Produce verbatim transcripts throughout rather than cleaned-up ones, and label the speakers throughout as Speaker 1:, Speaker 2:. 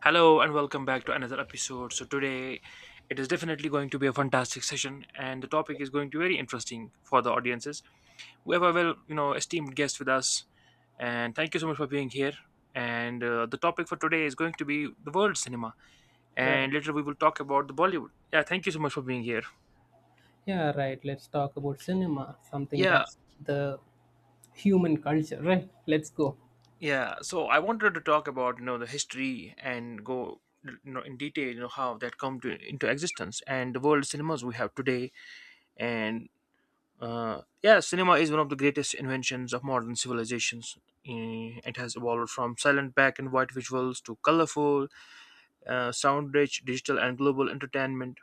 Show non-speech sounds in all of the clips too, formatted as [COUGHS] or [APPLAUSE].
Speaker 1: Hello and welcome back to another episode. So today it is definitely going to be a fantastic session, and the topic is going to be very interesting for the audiences. We have a well, you know, esteemed guest with us, and thank you so much for being here. And uh, the topic for today is going to be the world cinema,
Speaker 2: Right.
Speaker 1: and later we will talk about the Bollywood. Yeah, thank you so much for being here.
Speaker 2: Yeah, right. Let's talk about cinema, something
Speaker 1: Yeah,
Speaker 2: that's the human culture, right? Let's go.
Speaker 1: yeah. So I wanted to talk about, you know, the history and go you know in detail, you know how that come to into existence and the world cinemas we have today. And Uh, yeah, cinema is one of the greatest inventions of modern civilizations. Eh, It has evolved from silent black and white visuals to colorful, uh, sound rich, digital, and global entertainment.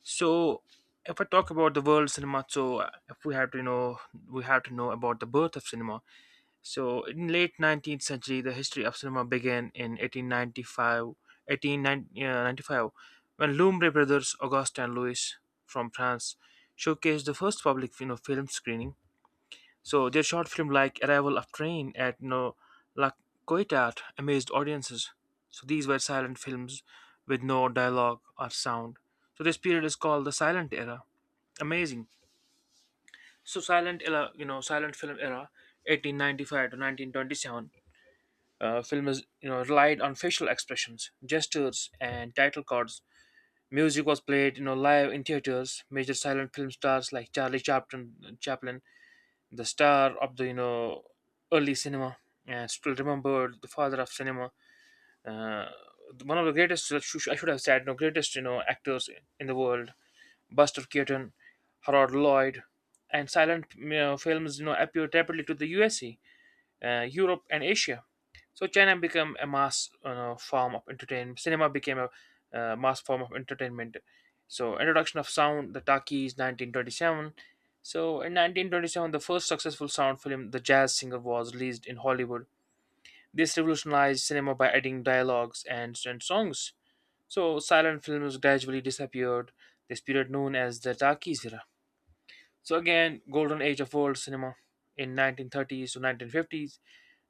Speaker 1: So, if I talk about the world cinema, so uh, if we have to know, we have to know about the birth of cinema. So, in late nineteenth century, the history of cinema began in eighteen ninety-five, eighteen ninety-five, when Lumbre brothers Auguste and Louis from France showcased the first public you know, film screening. So their short film, like Arrival of Train at No La Coitat, amazed audiences. So these were silent films with no dialogue or sound. So this period is called the silent era. Amazing. So silent era, you know, silent film era, eighteen ninety-five to nineteen twenty-seven. Uh, film is you know relied on facial expressions, gestures, and title cards. Music was played you know live in theaters. Major silent film stars like Charlie Chaplin. Chaplin, the star of the you know early cinema and still remembered the father of cinema, uh, one of the greatest, I should have said, no, greatest you know actors in the world, Buster Keaton, Harold Lloyd. And silent you know, films you know appeared rapidly to the U S A, uh, Europe, and Asia. So China became a mass uh, form of entertainment. Cinema became a uh, mass form of entertainment. So introduction of sound, the talkies, nineteen twenty-seven. So in nineteen twenty-seven, the first successful sound film, The Jazz Singer, was released in Hollywood. This revolutionized cinema by adding dialogues and, and songs. So silent films gradually disappeared. This period known as the talkies era. So again, golden age of world cinema in nineteen thirties to nineteen fifties.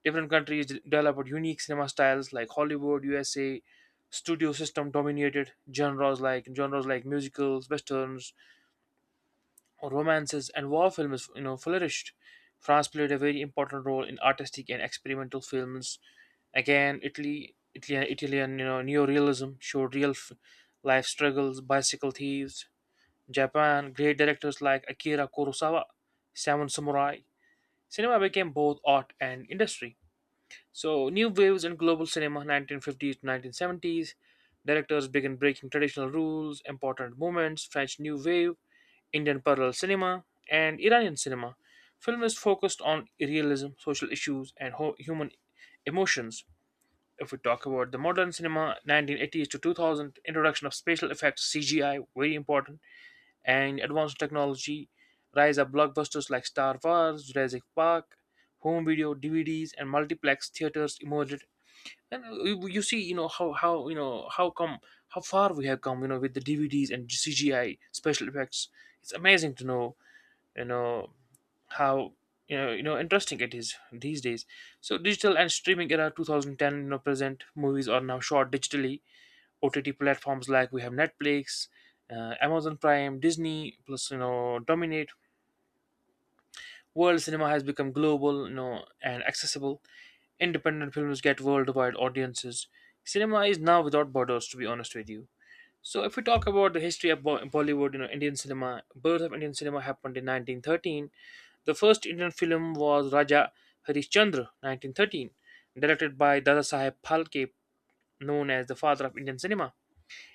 Speaker 1: Different countries d- developed unique cinema styles like Hollywood, U S A, studio system dominated genres like genres like musicals, westerns, or romances, and war films. You know, flourished. France played a very important role in artistic and experimental films. Again, Italy, Italian, Italian, you know, neorealism showed real f- life struggles, bicycle thieves. Japan, great directors like Akira Kurosawa, Seven Samurai. Cinema became both art and industry. So, new waves in global cinema, nineteen fifties to nineteen seventies. Directors began breaking traditional rules, important movements, French New Wave, Indian parallel cinema, and Iranian cinema. Film is focused on realism, social issues, and ho- human emotions. If we talk about the modern cinema, nineteen eighties to two thousand, introduction of special effects, C G I, very important, and advanced technology, rise of blockbusters like Star Wars, Jurassic Park, home video, D V Ds, and multiplex theaters emerged. And uh, you you see, you know how how you know how come how far we have come, you know, with the D V Ds and C G I special effects. It's amazing to know, you know, how you know you know interesting it is these days. So digital and streaming era two thousand ten, you know, present movies are now shot digitally. O T T platforms like we have Netflix, uh, Amazon Prime, Disney, plus you know, dominate. World cinema has become global, you know, and accessible. Independent films get worldwide audiences. Cinema is now without borders, to be honest with you. So, if we talk about the history of Bo- Bollywood, you know, Indian cinema, birth of Indian cinema happened in nineteen thirteen. The first Indian film was Raja Harishchandra, nineteen thirteen, directed by Dadasaheb Phalke, known as the father of Indian cinema.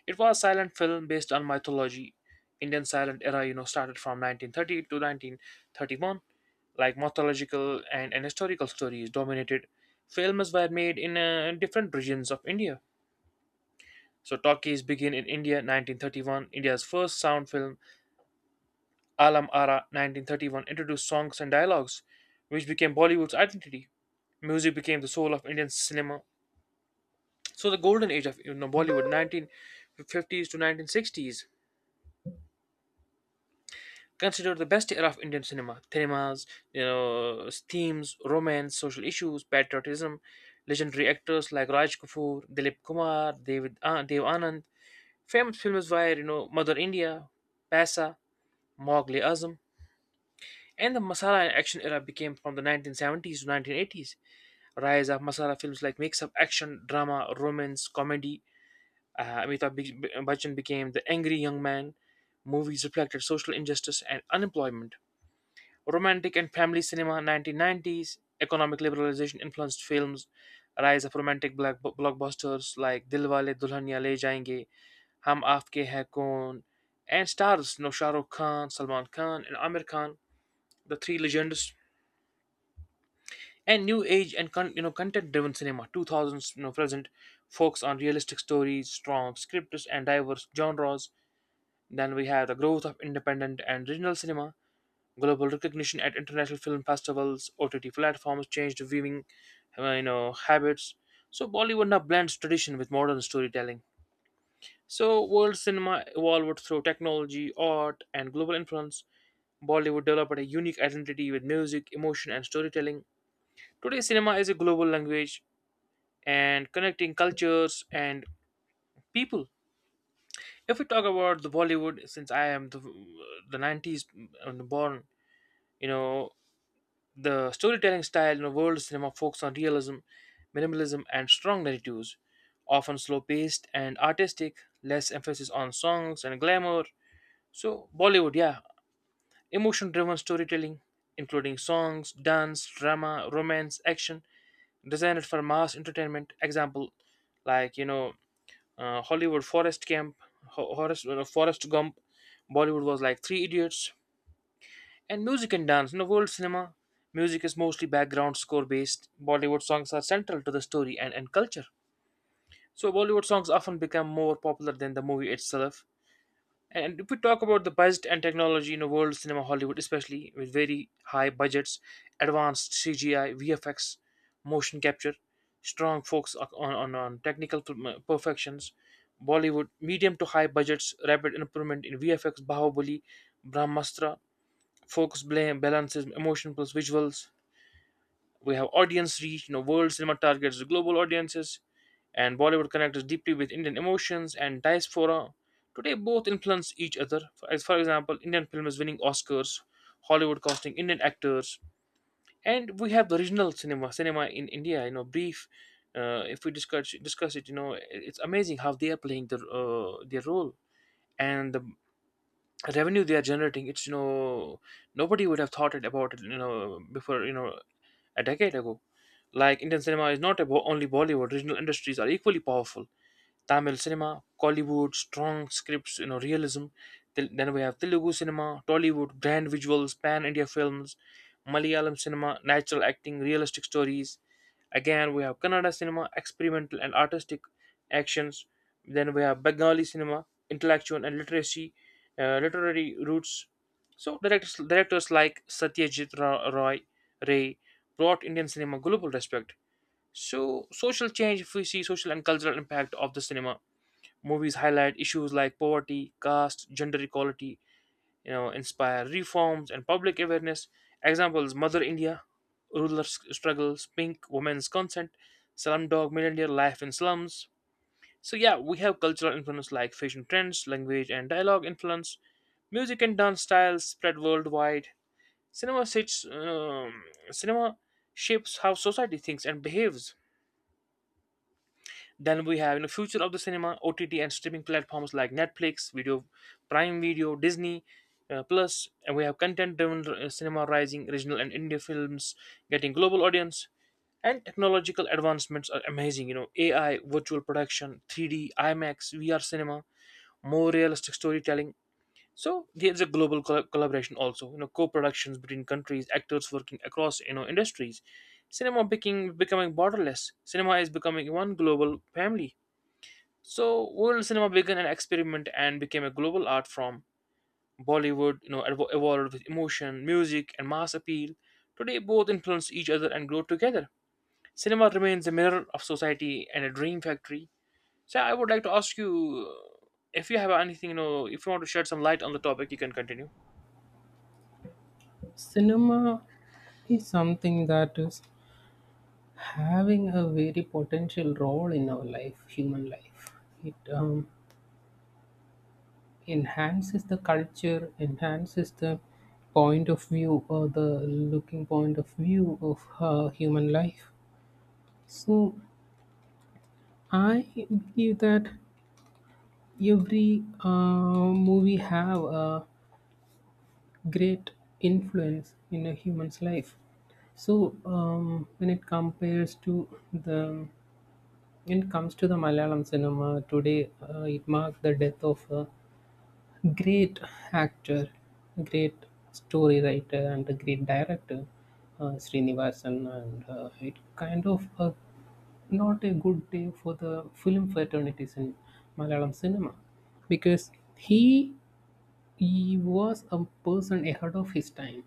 Speaker 1: It was a silent film based on mythology. Indian silent era, you know, started from nineteen thirty to nineteen thirty-one, like mythological and, and historical stories dominated. Films were made in uh, different regions of India. So talkies begin in India nineteen thirty-one. India's first sound film, Alam Ara nineteen thirty-one, introduced songs and dialogues, which became Bollywood's identity. Music became the soul of Indian cinema. So the golden age of you know, Bollywood, nineteen fifties to nineteen sixties. Consider the best era of Indian cinema. Cinemas, you know, themes, romance, social issues, patriotism, legendary actors like Raj Kapoor, Dilip Kumar, David, uh, Dev Anand. Famous films were, you know, Mother India, Paisa, Mowgli Azam. And the masala and action era became from the nineteen seventies to nineteen eighties. Rise of masala films like mix of action, drama, romance, comedy. Uh, Amitabh Bi- Bachchan became the angry young man. Movies reflected social injustice and unemployment. Romantic and family cinema, nineteen nineties. Economic liberalization influenced films. Rise of romantic black blockbusters like Dilwale Dulhania Le Jayenge, Hum Aapke Hai Kaun, and stars, you know, Shah Rukh Khan, Salman Khan, and Amir Khan, the three legends. And new age and con- you know content-driven cinema, two thousands, you know present, focus on realistic stories, strong scripts, and diverse genres. Then we have the growth of independent and regional cinema, global recognition at international film festivals, O T T platforms changed viewing, uh, you know, habits. So Bollywood now blends tradition with modern storytelling. So world cinema evolved through technology, art, and global influence. Bollywood developed a unique identity with music, emotion, and storytelling. Today, cinema is a global language and connecting cultures and people. If we talk about the Bollywood, since I am the uh, the nineties born, you know, the storytelling style in world cinema focuses on realism, minimalism, and strong narratives, often slow paced and artistic, less emphasis on songs and glamour. So, Bollywood, yeah, emotion driven storytelling, including songs, dance, drama, romance, action, designed for mass entertainment. Example, like, you know, uh, Hollywood Forest Camp, Ho- Forest, uh, Forest Gump, Bollywood was like Three Idiots, and music and dance. In the world cinema, music is mostly background score based. Bollywood songs are central to the story and, and culture. So Bollywood songs often become more popular than the movie itself. And if we talk about the budget and technology in the world cinema, Hollywood especially, with very high budgets, advanced C G I, V F X, motion capture, strong focus on, on, on technical per- perfections, Bollywood, medium to high budgets, rapid improvement in V F X, Bahubali, Brahmastra, focus blame balances emotion plus visuals. We have audience reach, you know world cinema targets the global audiences, and Bollywood connects deeply with Indian emotions and diaspora. Today both influence each other. For- as for example, Indian film is winning Oscars, Hollywood casting Indian actors. And we have the original cinema cinema in India, you know brief. Uh, if we discuss discuss it, you know it- it's amazing how they are playing their uh, their role and the revenue they are generating. It's, you know nobody would have thought it about it, you know before, you know a decade ago. Like, Indian cinema is not about only Bollywood. Regional industries are equally powerful. Tamil cinema, Kollywood, strong scripts, you know realism. Til- then we have Telugu cinema, Tollywood, grand visuals, pan India films. Malayalam cinema, natural acting, realistic stories. Again, we have Kannada cinema, experimental and artistic actions. Then we have Bengali cinema, intellectual and literacy, uh, literary roots. So directors, directors like Satyajit Ra- Roy Ray brought Indian cinema global respect. So social change, if we see social and cultural impact of the cinema, movies highlight issues like poverty, caste, gender equality, you know inspire reforms and public awareness. Examples, Mother India, ruler s- struggles, Pink, women's consent, Slumdog Millionaire, life in slums. So yeah, we have cultural influence like fashion trends, language and dialogue influence, music and dance styles spread worldwide. Cinema shapes, um, cinema shapes how society thinks and behaves. Then we have you know future of the cinema. O T T and streaming platforms like Netflix, Video, Prime Video, Disney uh, Plus, and we have content-driven uh, cinema rising, regional and India films getting global audience, and technological advancements are amazing. You know, A I, virtual production, three D, IMAX, V R cinema, more realistic storytelling. So there's a global col- collaboration also. You know, co-productions between countries, actors working across you know industries. Cinema becoming becoming borderless. Cinema is becoming one global family. So world cinema began an experiment and became a global art form. Bollywood, you know, evo- evolved with emotion, music, and mass appeal. Today, both influence each other and grow together. Cinema remains a mirror of society and a dream factory. So, I would like to ask you uh, if you have anything, you know, if you want to shed some light on the topic, you can continue.
Speaker 2: Cinema is something that is having a very potential role in our life, human life. It um, enhances the culture, enhances the point of view or the looking point of view of uh, human life. So I believe that every uh, movie have a great influence in a human's life. So um, when it compares to the when it comes to the Malayalam cinema today, uh, it marked the death of a great actor, a great story writer, and a great director, uh, Srinivasan. And uh, it kind of a, not a good day for the film fraternities in Malayalam cinema, because he he was a person ahead of his time.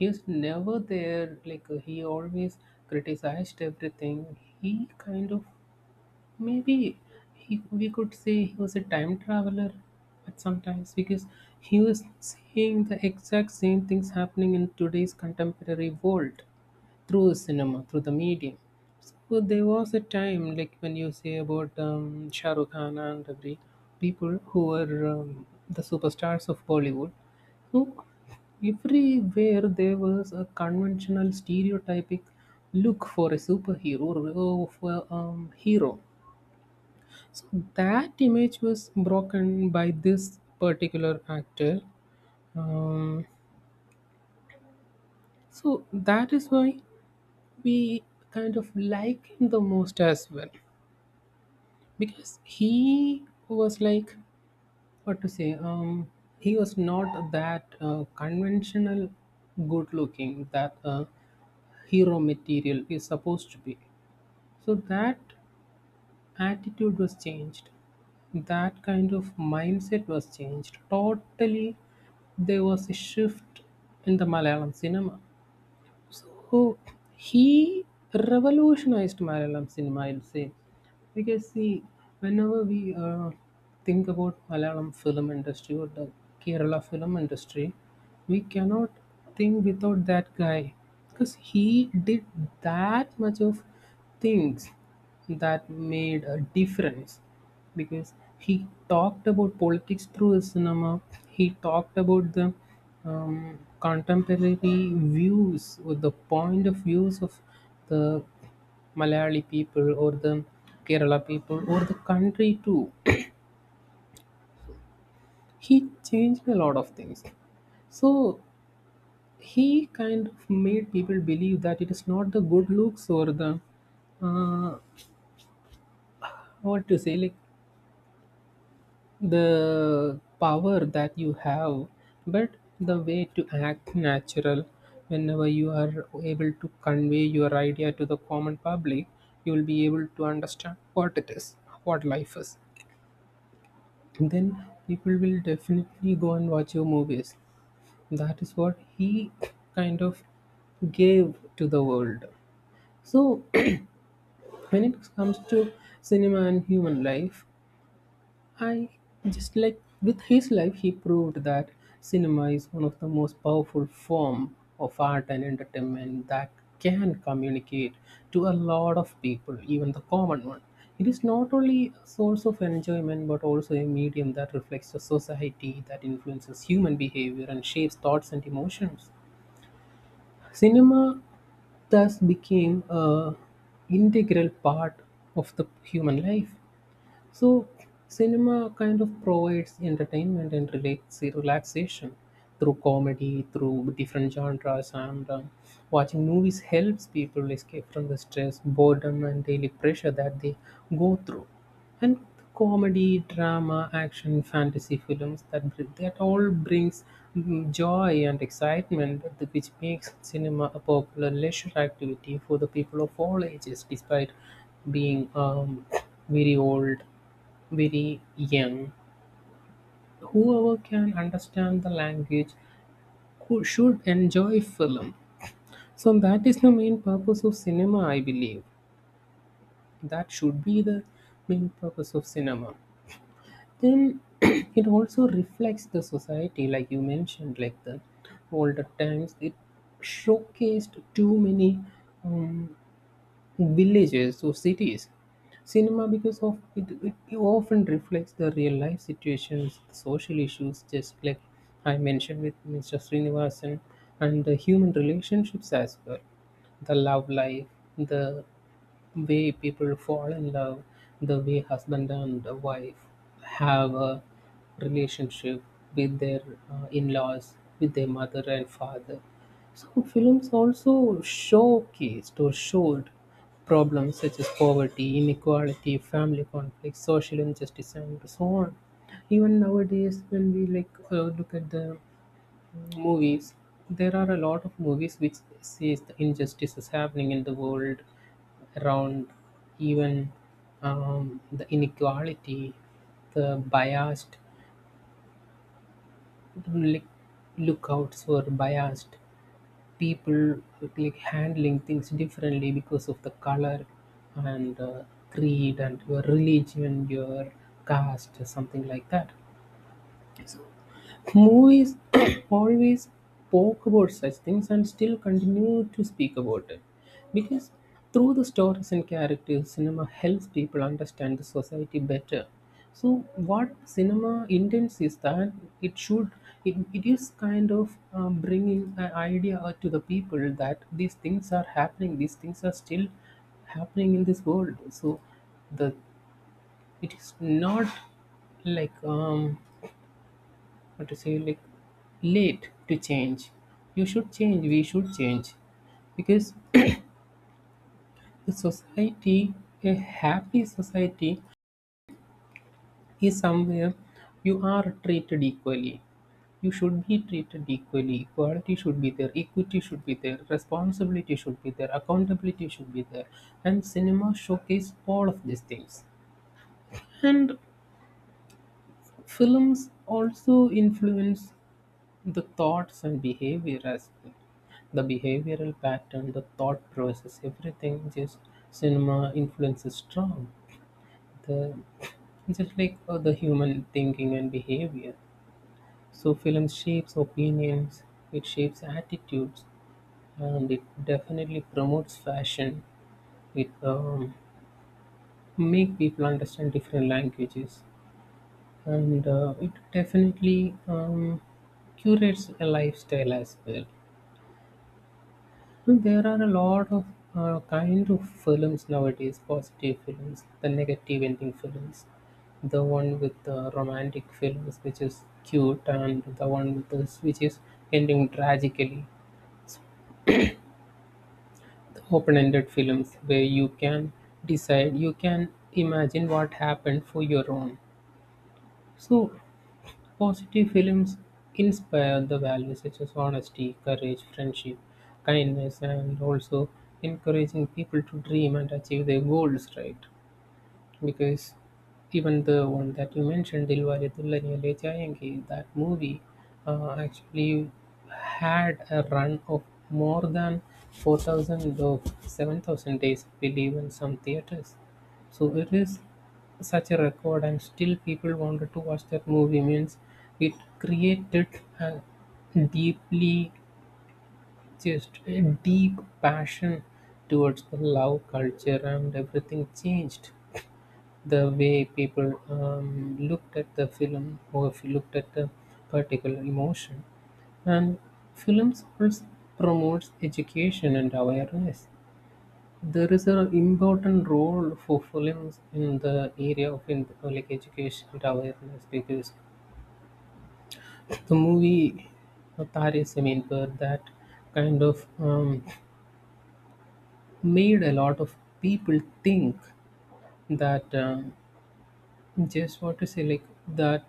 Speaker 2: He's never there, like uh, he always criticized everything. He kind of maybe, he, we could say, he was a time traveler at sometimes, because he was seeing the exact same things happening in today's contemporary world through cinema, through the medium. So there was a time, like when you say about um, Shah Rukh Khan and every people who were um, the superstars of Bollywood. So everywhere there was a conventional, stereotypic look for a superhero or for a um, hero. So that image was broken by this particular actor. Um, so that is why we kind of like him the most as well. Because he was like, what to say, um he was not that uh, conventional good looking that uh, hero material is supposed to be. So that attitude was changed, that kind of mindset was changed totally. There was a shift in the Malayalam cinema. So he revolutionized Malayalam cinema, I'll say. Because, see, whenever we uh, think about Malayalam film industry or the Kerala film industry, we cannot think without that guy. Because he did that much of things that made a difference, because he talked about politics through his cinema. He talked about the um, contemporary views or the point of views of the Malayali people or the Kerala people or the country too. He changed a lot of things. So he kind of made people believe that it is not the good looks or the uh, what to say, like the power that you have, but the way to act natural. Whenever you are able to convey your idea to the common public, you will be able to understand what it is, what life is. Then people will definitely go and watch your movies. That is what he kind of gave to the world. So [CLEARS THROAT] when it comes to cinema and human life, I, just like with his life, he proved that cinema is one of the most powerful form of art and entertainment that can communicate to a lot of people, even the common one. It is not only a source of enjoyment but also a medium that reflects the society, that influences human behavior and shapes thoughts and emotions. Cinema thus became a integral part of the human life. So cinema kind of provides entertainment and relax- relaxation through comedy, through different genres, and um, watching movies helps people escape from the stress, boredom, and daily pressure that they go through. And comedy, drama, action, fantasy films that br- that all brings mm, joy and excitement, th- which makes cinema a popular leisure activity for the people of all ages, despite being um, [CLEARS THROAT] very old, very young. Whoever can understand the language who should enjoy film. So that is the main purpose of cinema, I believe. That should be the main purpose of cinema. Then [CLEARS THROAT] it also reflects the society, like you mentioned, like the older times. It showcased too many um, villages to cities. Cinema, because of it, it, it often reflects the real life situations, the social issues, just like I mentioned with Mister Srinivasan, and the human relationships as well, the love life, the way people fall in love, the way husband and wife have a relationship with their uh, in-laws, with their mother and father. Some films also showcased or showed problems such as poverty, inequality, family conflict, social injustice, and so on. Even nowadays, when we like uh, look at the movies, there are a lot of movies which says the injustice is happening in the world around, even um, the inequality, the biased, like lookouts were biased. People like handling things differently because of the color and uh, creed and your religion, your caste, something like that. Movies [COUGHS] [CLEARS THROAT] always spoke about such things and still continue to speak about it. Because through the stories and characters, cinema helps people understand the society better. So what cinema intends is that it should it, it is kind of um, bringing an idea out to the people that these things are happening, these things are still happening in this world. So the it is not like um what to say, like late to change. You should change, we should change. Because [CLEARS THROAT] the society, a happy society, is somewhere you are treated equally. You should be treated equally. Equality should be there, equity should be there, responsibility should be there, accountability should be there, and cinema showcase all of these things. And films also influence the thoughts and behavior as well. The behavioral pattern, the thought process, everything. Just cinema influences strong. The Just like uh, the human thinking and behavior. So film shapes opinions, it shapes attitudes, and it definitely promotes fashion. It um, make people understand different languages, and uh, it definitely um, curates a lifestyle as well. There are a lot of uh, kind of films nowadays: positive films, the negative ending films, the one with the romantic films, which is cute, and the one with this, which is ending tragically. The open-ended films where you can decide, you can imagine what happened for your own. So positive films inspire the values such as honesty, courage, friendship, kindness, and also encouraging people to dream and achieve their goals, right? Because even the one that you mentioned, Dilwale Wale Dulhaniya Le Jayenge, that movie uh, actually had a run of more than four thousand or seven thousand days, I believe, in some theaters. So it is such a record, and still people wanted to watch that movie. Means it created a deeply, just a deep passion towards the love culture, and everything changed the way people um, looked at the film, or if you looked at the particular emotion. And films also promotes education and awareness. There is an important role for films in the area of in, like education and awareness, because the movie uh, Tare Zameen Par that kind of um, made a lot of people think that um, just what to say, like that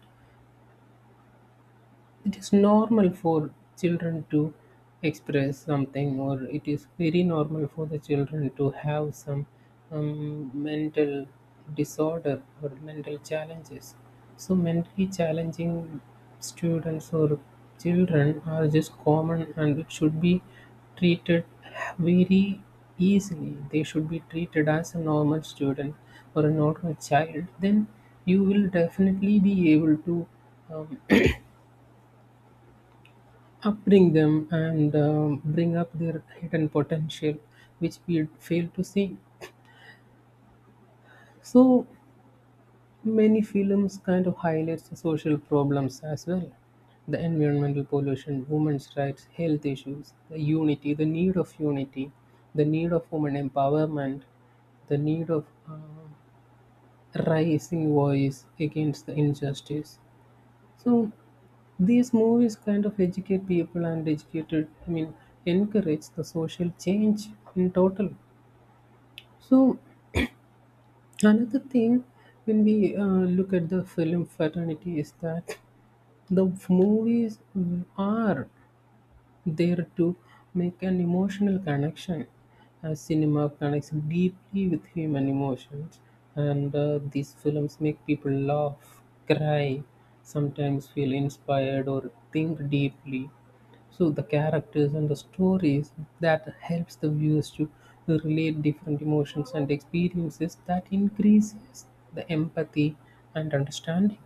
Speaker 2: it is normal for children to express something, or it is very normal for the children to have some um, mental disorder or mental challenges. So mentally challenging students or children are just common, and it should be treated very easily. They should be treated as a normal student or a normal child. Then you will definitely be able to um, upbring them and um, bring up their hidden potential, which we fail to see. So many films kind of highlights the social problems as well: the environmental pollution, women's rights, health issues, the unity, the need of unity, the need of women empowerment, the need of uh, rising voice against the injustice. So these movies kind of educate people, and educated, I mean, encourage the social change in total. So another thing when we uh, look at the film fraternity is that the movies are there to make an emotional connection. Uh, cinema connects deeply with human emotions, and uh, these films make people laugh, cry, sometimes feel inspired, or think deeply. So the characters and the stories that helps the viewers to relate different emotions and experiences that increases the empathy and understanding.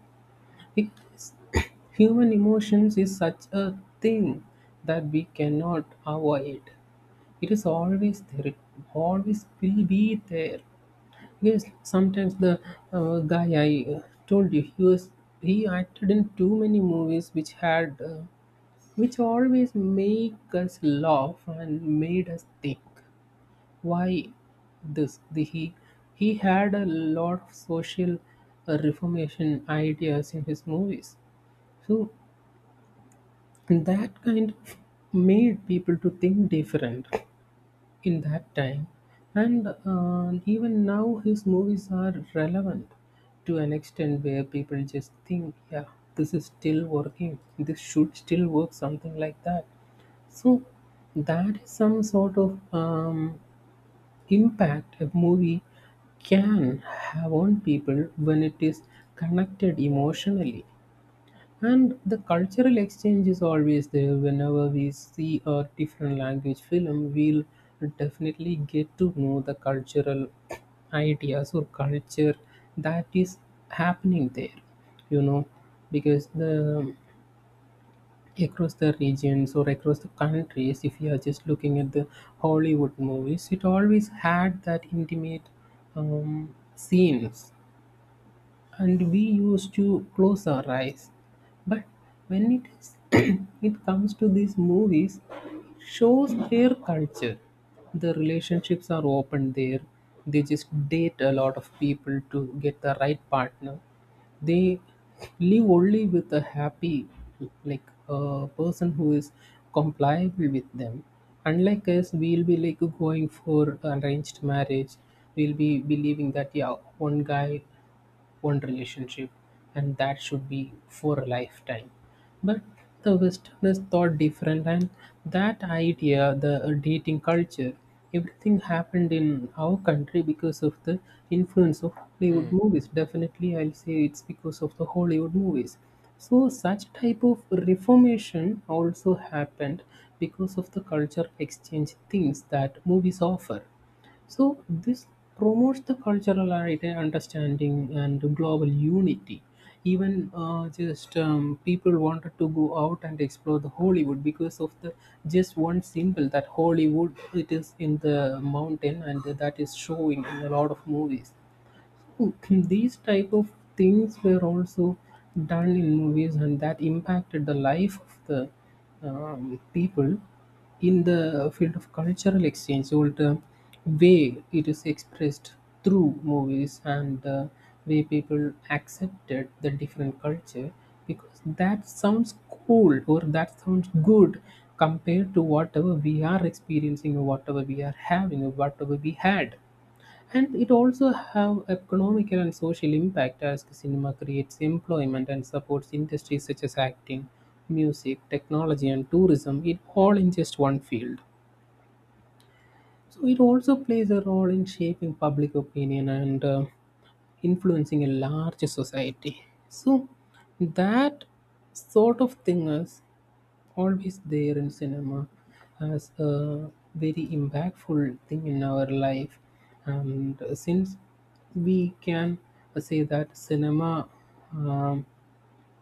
Speaker 2: It is [COUGHS] human emotions is such a thing that we cannot avoid. It is always there. It always will be there. Yes, sometimes the uh, guy I uh, told you, he was, he acted in too many movies which had uh, which always make us laugh and made us think why this the, he he had a lot of social uh, reformation ideas in his movies. So that kind of made people to think different in that time, and uh, even now his movies are relevant to an extent where people just think, yeah, this is still working. This should still work, something like that. So that is some sort of um, impact a movie can have on people when it is connected emotionally. And the cultural exchange is always there. Whenever we see a different language film, we'll definitely get to know the cultural [CLEARS THROAT] ideas or culture that is happening there, you know, because the across the regions or across the countries, if you are just looking at the Hollywood movies, it always had that intimate um, scenes, and we used to close our eyes. But when it is [COUGHS] [CLEARS THROAT] it comes to these movies, it shows their culture. The relationships are open there. They just date a lot of people to get the right partner. They live only with a happy, like a person who is compliable with them. Unlike us, we'll be like going for arranged marriage. We'll be believing that, yeah, one guy, one relationship, and that should be for a lifetime. But the westerners thought different, and that idea, the dating culture, everything happened in our country because of the influence of Hollywood
Speaker 1: Hmm.
Speaker 2: movies. Definitely, I'll say it's because of the Hollywood movies. So such type of reformation also happened because of the cultural exchange things that movies offer. So this promotes the cultural ide- understanding and global unity. Even uh, just um, people wanted to go out and explore the Hollywood because of the just one symbol that Hollywood, it is in the mountain, and that is showing in a lot of movies. [CLEARS THROAT] These type of things were also done in movies, and that impacted the life of the um, people in the field of cultural exchange. So the way it is expressed through movies and the way people accepted the different culture, because that sounds cool or that sounds good compared to whatever we are experiencing or whatever we are having or whatever we had. And it also have economical and social impact, as cinema creates employment and supports industries such as acting, music, technology, and tourism, it all in just one field. So it also plays a role in shaping public opinion and uh, influencing a large society. So that sort of thing is always there in cinema as a very impactful thing in our life. And since we can say that cinema um,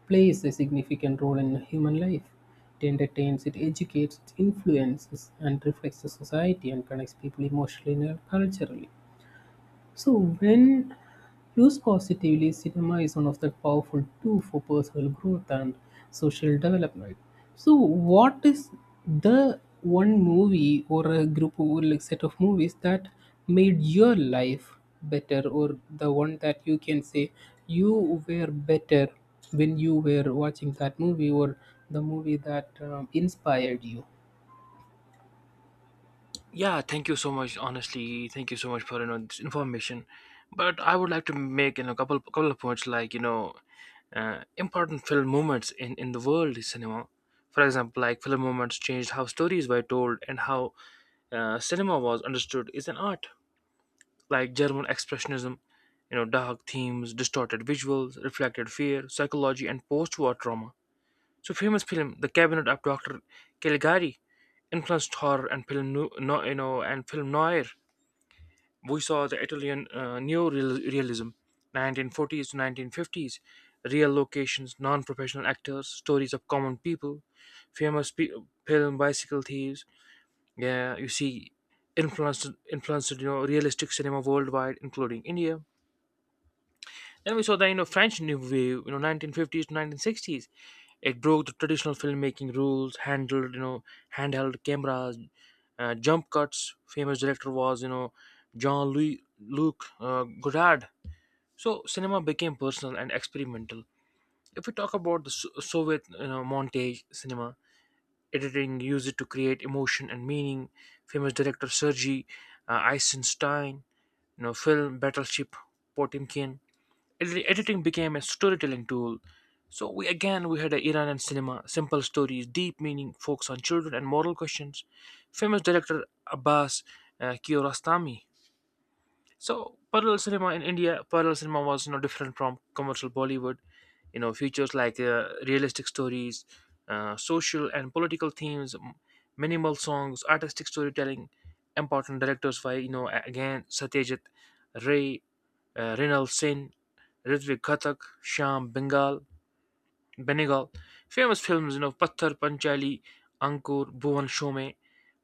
Speaker 2: plays a significant role in human life. It entertains, it educates, it influences, and reflects the society and connects people emotionally and culturally. So when used positively, cinema is one of the powerful tool for personal growth and social development. So what is the one movie or a group or like set of movies that made your life better, or the one that you can say you were better when you were watching that movie, or the movie that um, inspired you?
Speaker 1: Yeah, thank you so much. Honestly, thank you so much for you know this information. But I would like to make you know a couple couple of points, like you know uh, important film moments in, in the world is cinema. For example, like film moments changed how stories were told and how uh, cinema was understood is an art, like German expressionism, you know, dark themes, distorted visuals, reflected fear, psychology, and post-war trauma. So famous film, The Cabinet of Doctor Caligari, influenced horror and film, nu- no, you know, and film noir. We saw the Italian uh, Realism, nineteen forties to nineteen fifties, real locations, non-professional actors, stories of common people, famous pe- film Bicycle Thieves. Yeah, you see, influenced influenced you know realistic cinema worldwide, including India. Then we saw the you know French New Wave, you know nineteen fifties to nineteen sixties. It broke the traditional filmmaking rules, handled you know handheld cameras, uh, jump cuts. Famous director was you know Jean Louis Luc uh, Godard. So cinema became personal and experimental. If we talk about the So- Soviet you know montage cinema, editing used it to create emotion and meaning. Famous director Sergei uh, Eisenstein, you know film Battleship Potemkin. Edi- Editing became a storytelling tool. So we, again, we had a Iranian cinema, simple stories, deep meaning, focus on children and moral questions. Famous director Abbas uh, Kiarostami. So parallel cinema in India, parallel cinema was no different from commercial Bollywood. You know, features like uh, realistic stories, uh, social and political themes, m- minimal songs, artistic storytelling. Important directors by you know a- again Satyajit Ray, uh, Rinal Sen, Ritwik Ghatak, Shyam Bengal, Benegal. Famous films, you know, Patthar, Panchali, Ankur, Bhuvan Shome.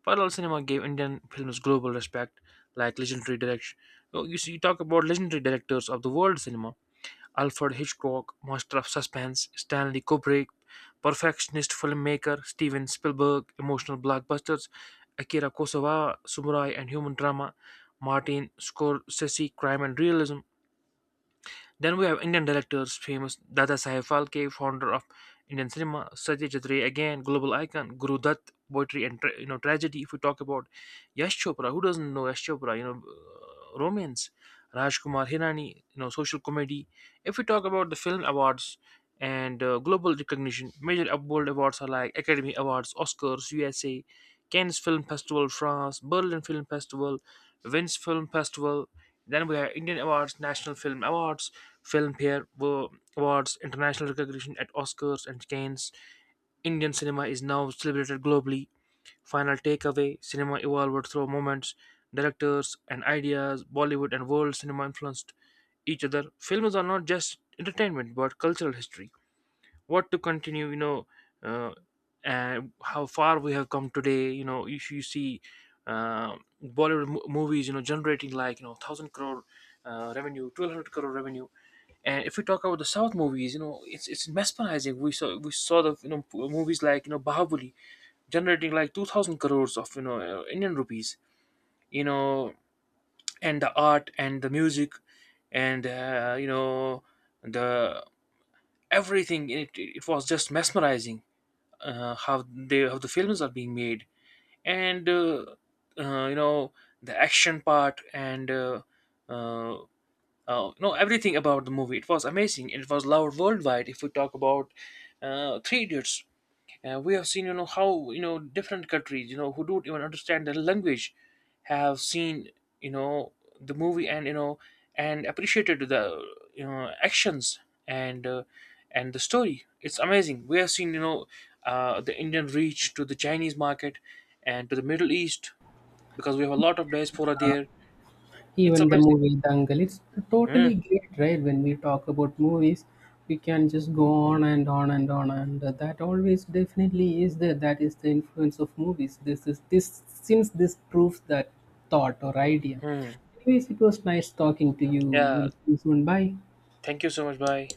Speaker 1: Parallel cinema gave Indian films global respect, like legendary direction. Oh, you see, you talk about legendary directors of the world cinema. Alfred Hitchcock, master of suspense; Stanley Kubrick, perfectionist filmmaker; Steven Spielberg, emotional blockbusters; Akira Kurosawa, samurai and human drama; Martin Scorsese, crime and realism. Then we have Indian directors: famous Dadasaheb Phalke, founder of Indian cinema; Satyajit Ray, again global icon; Guru Dutt, poetry and tra- you know tragedy. If we talk about Yash Chopra, who doesn't know Yash Chopra? You know, uh, romance, Rajkumar Hirani, you know, social comedy. If we talk about the film awards and uh, global recognition, major world awards are like Academy Awards, Oscars, U S A; Cannes Film Festival, France; Berlin Film Festival; Venice Film Festival. Then we have Indian Awards: National Film Awards, Filmfare wo- Awards, international recognition at Oscars and Cannes. Indian cinema is now celebrated globally. Final takeaway: cinema evolved through moments, directors, and ideas. Bollywood and world cinema influenced each other. Films are not just entertainment but cultural history, what to continue, you know uh, and how far we have come today. You know if you see uh, Bollywood mo- movies you know generating like you know one thousand crore uh, revenue, twelve hundred crore revenue. And if we talk about the south movies, you know it's it's mesmerizing. We saw we saw the you know p- movies like you know Bahubali generating like two thousand crores of you know uh, Indian rupees, you know and the art and the music and uh, you know the everything in it it was just mesmerizing. Uh, how they how the films are being made, and uh, uh, you know the action part, and uh, uh, uh, you know everything about the movie, it was amazing and it was loved worldwide. If we talk about uh, three idiots, uh, we have seen, you know, how you know different countries, you know, who don't even understand the language, have seen, you know, the movie, and you know, and appreciated the you know actions and uh, and the story. It's amazing. We have seen, you know, uh, the Indian reach to the Chinese market and to the Middle East because we have a lot of diaspora there. It's
Speaker 2: Even the
Speaker 1: amazing.
Speaker 2: movie Dangal, it's totally great, right? When we talk about movies, we can just go on and on and on, and that always definitely is there. That is the influence of movies. This is this since this proves that thought or idea.
Speaker 1: Mm-hmm.
Speaker 2: Anyways, it was nice talking to you.
Speaker 1: Yeah.
Speaker 2: We'll see you soon. Bye.
Speaker 1: Thank you so much. Bye.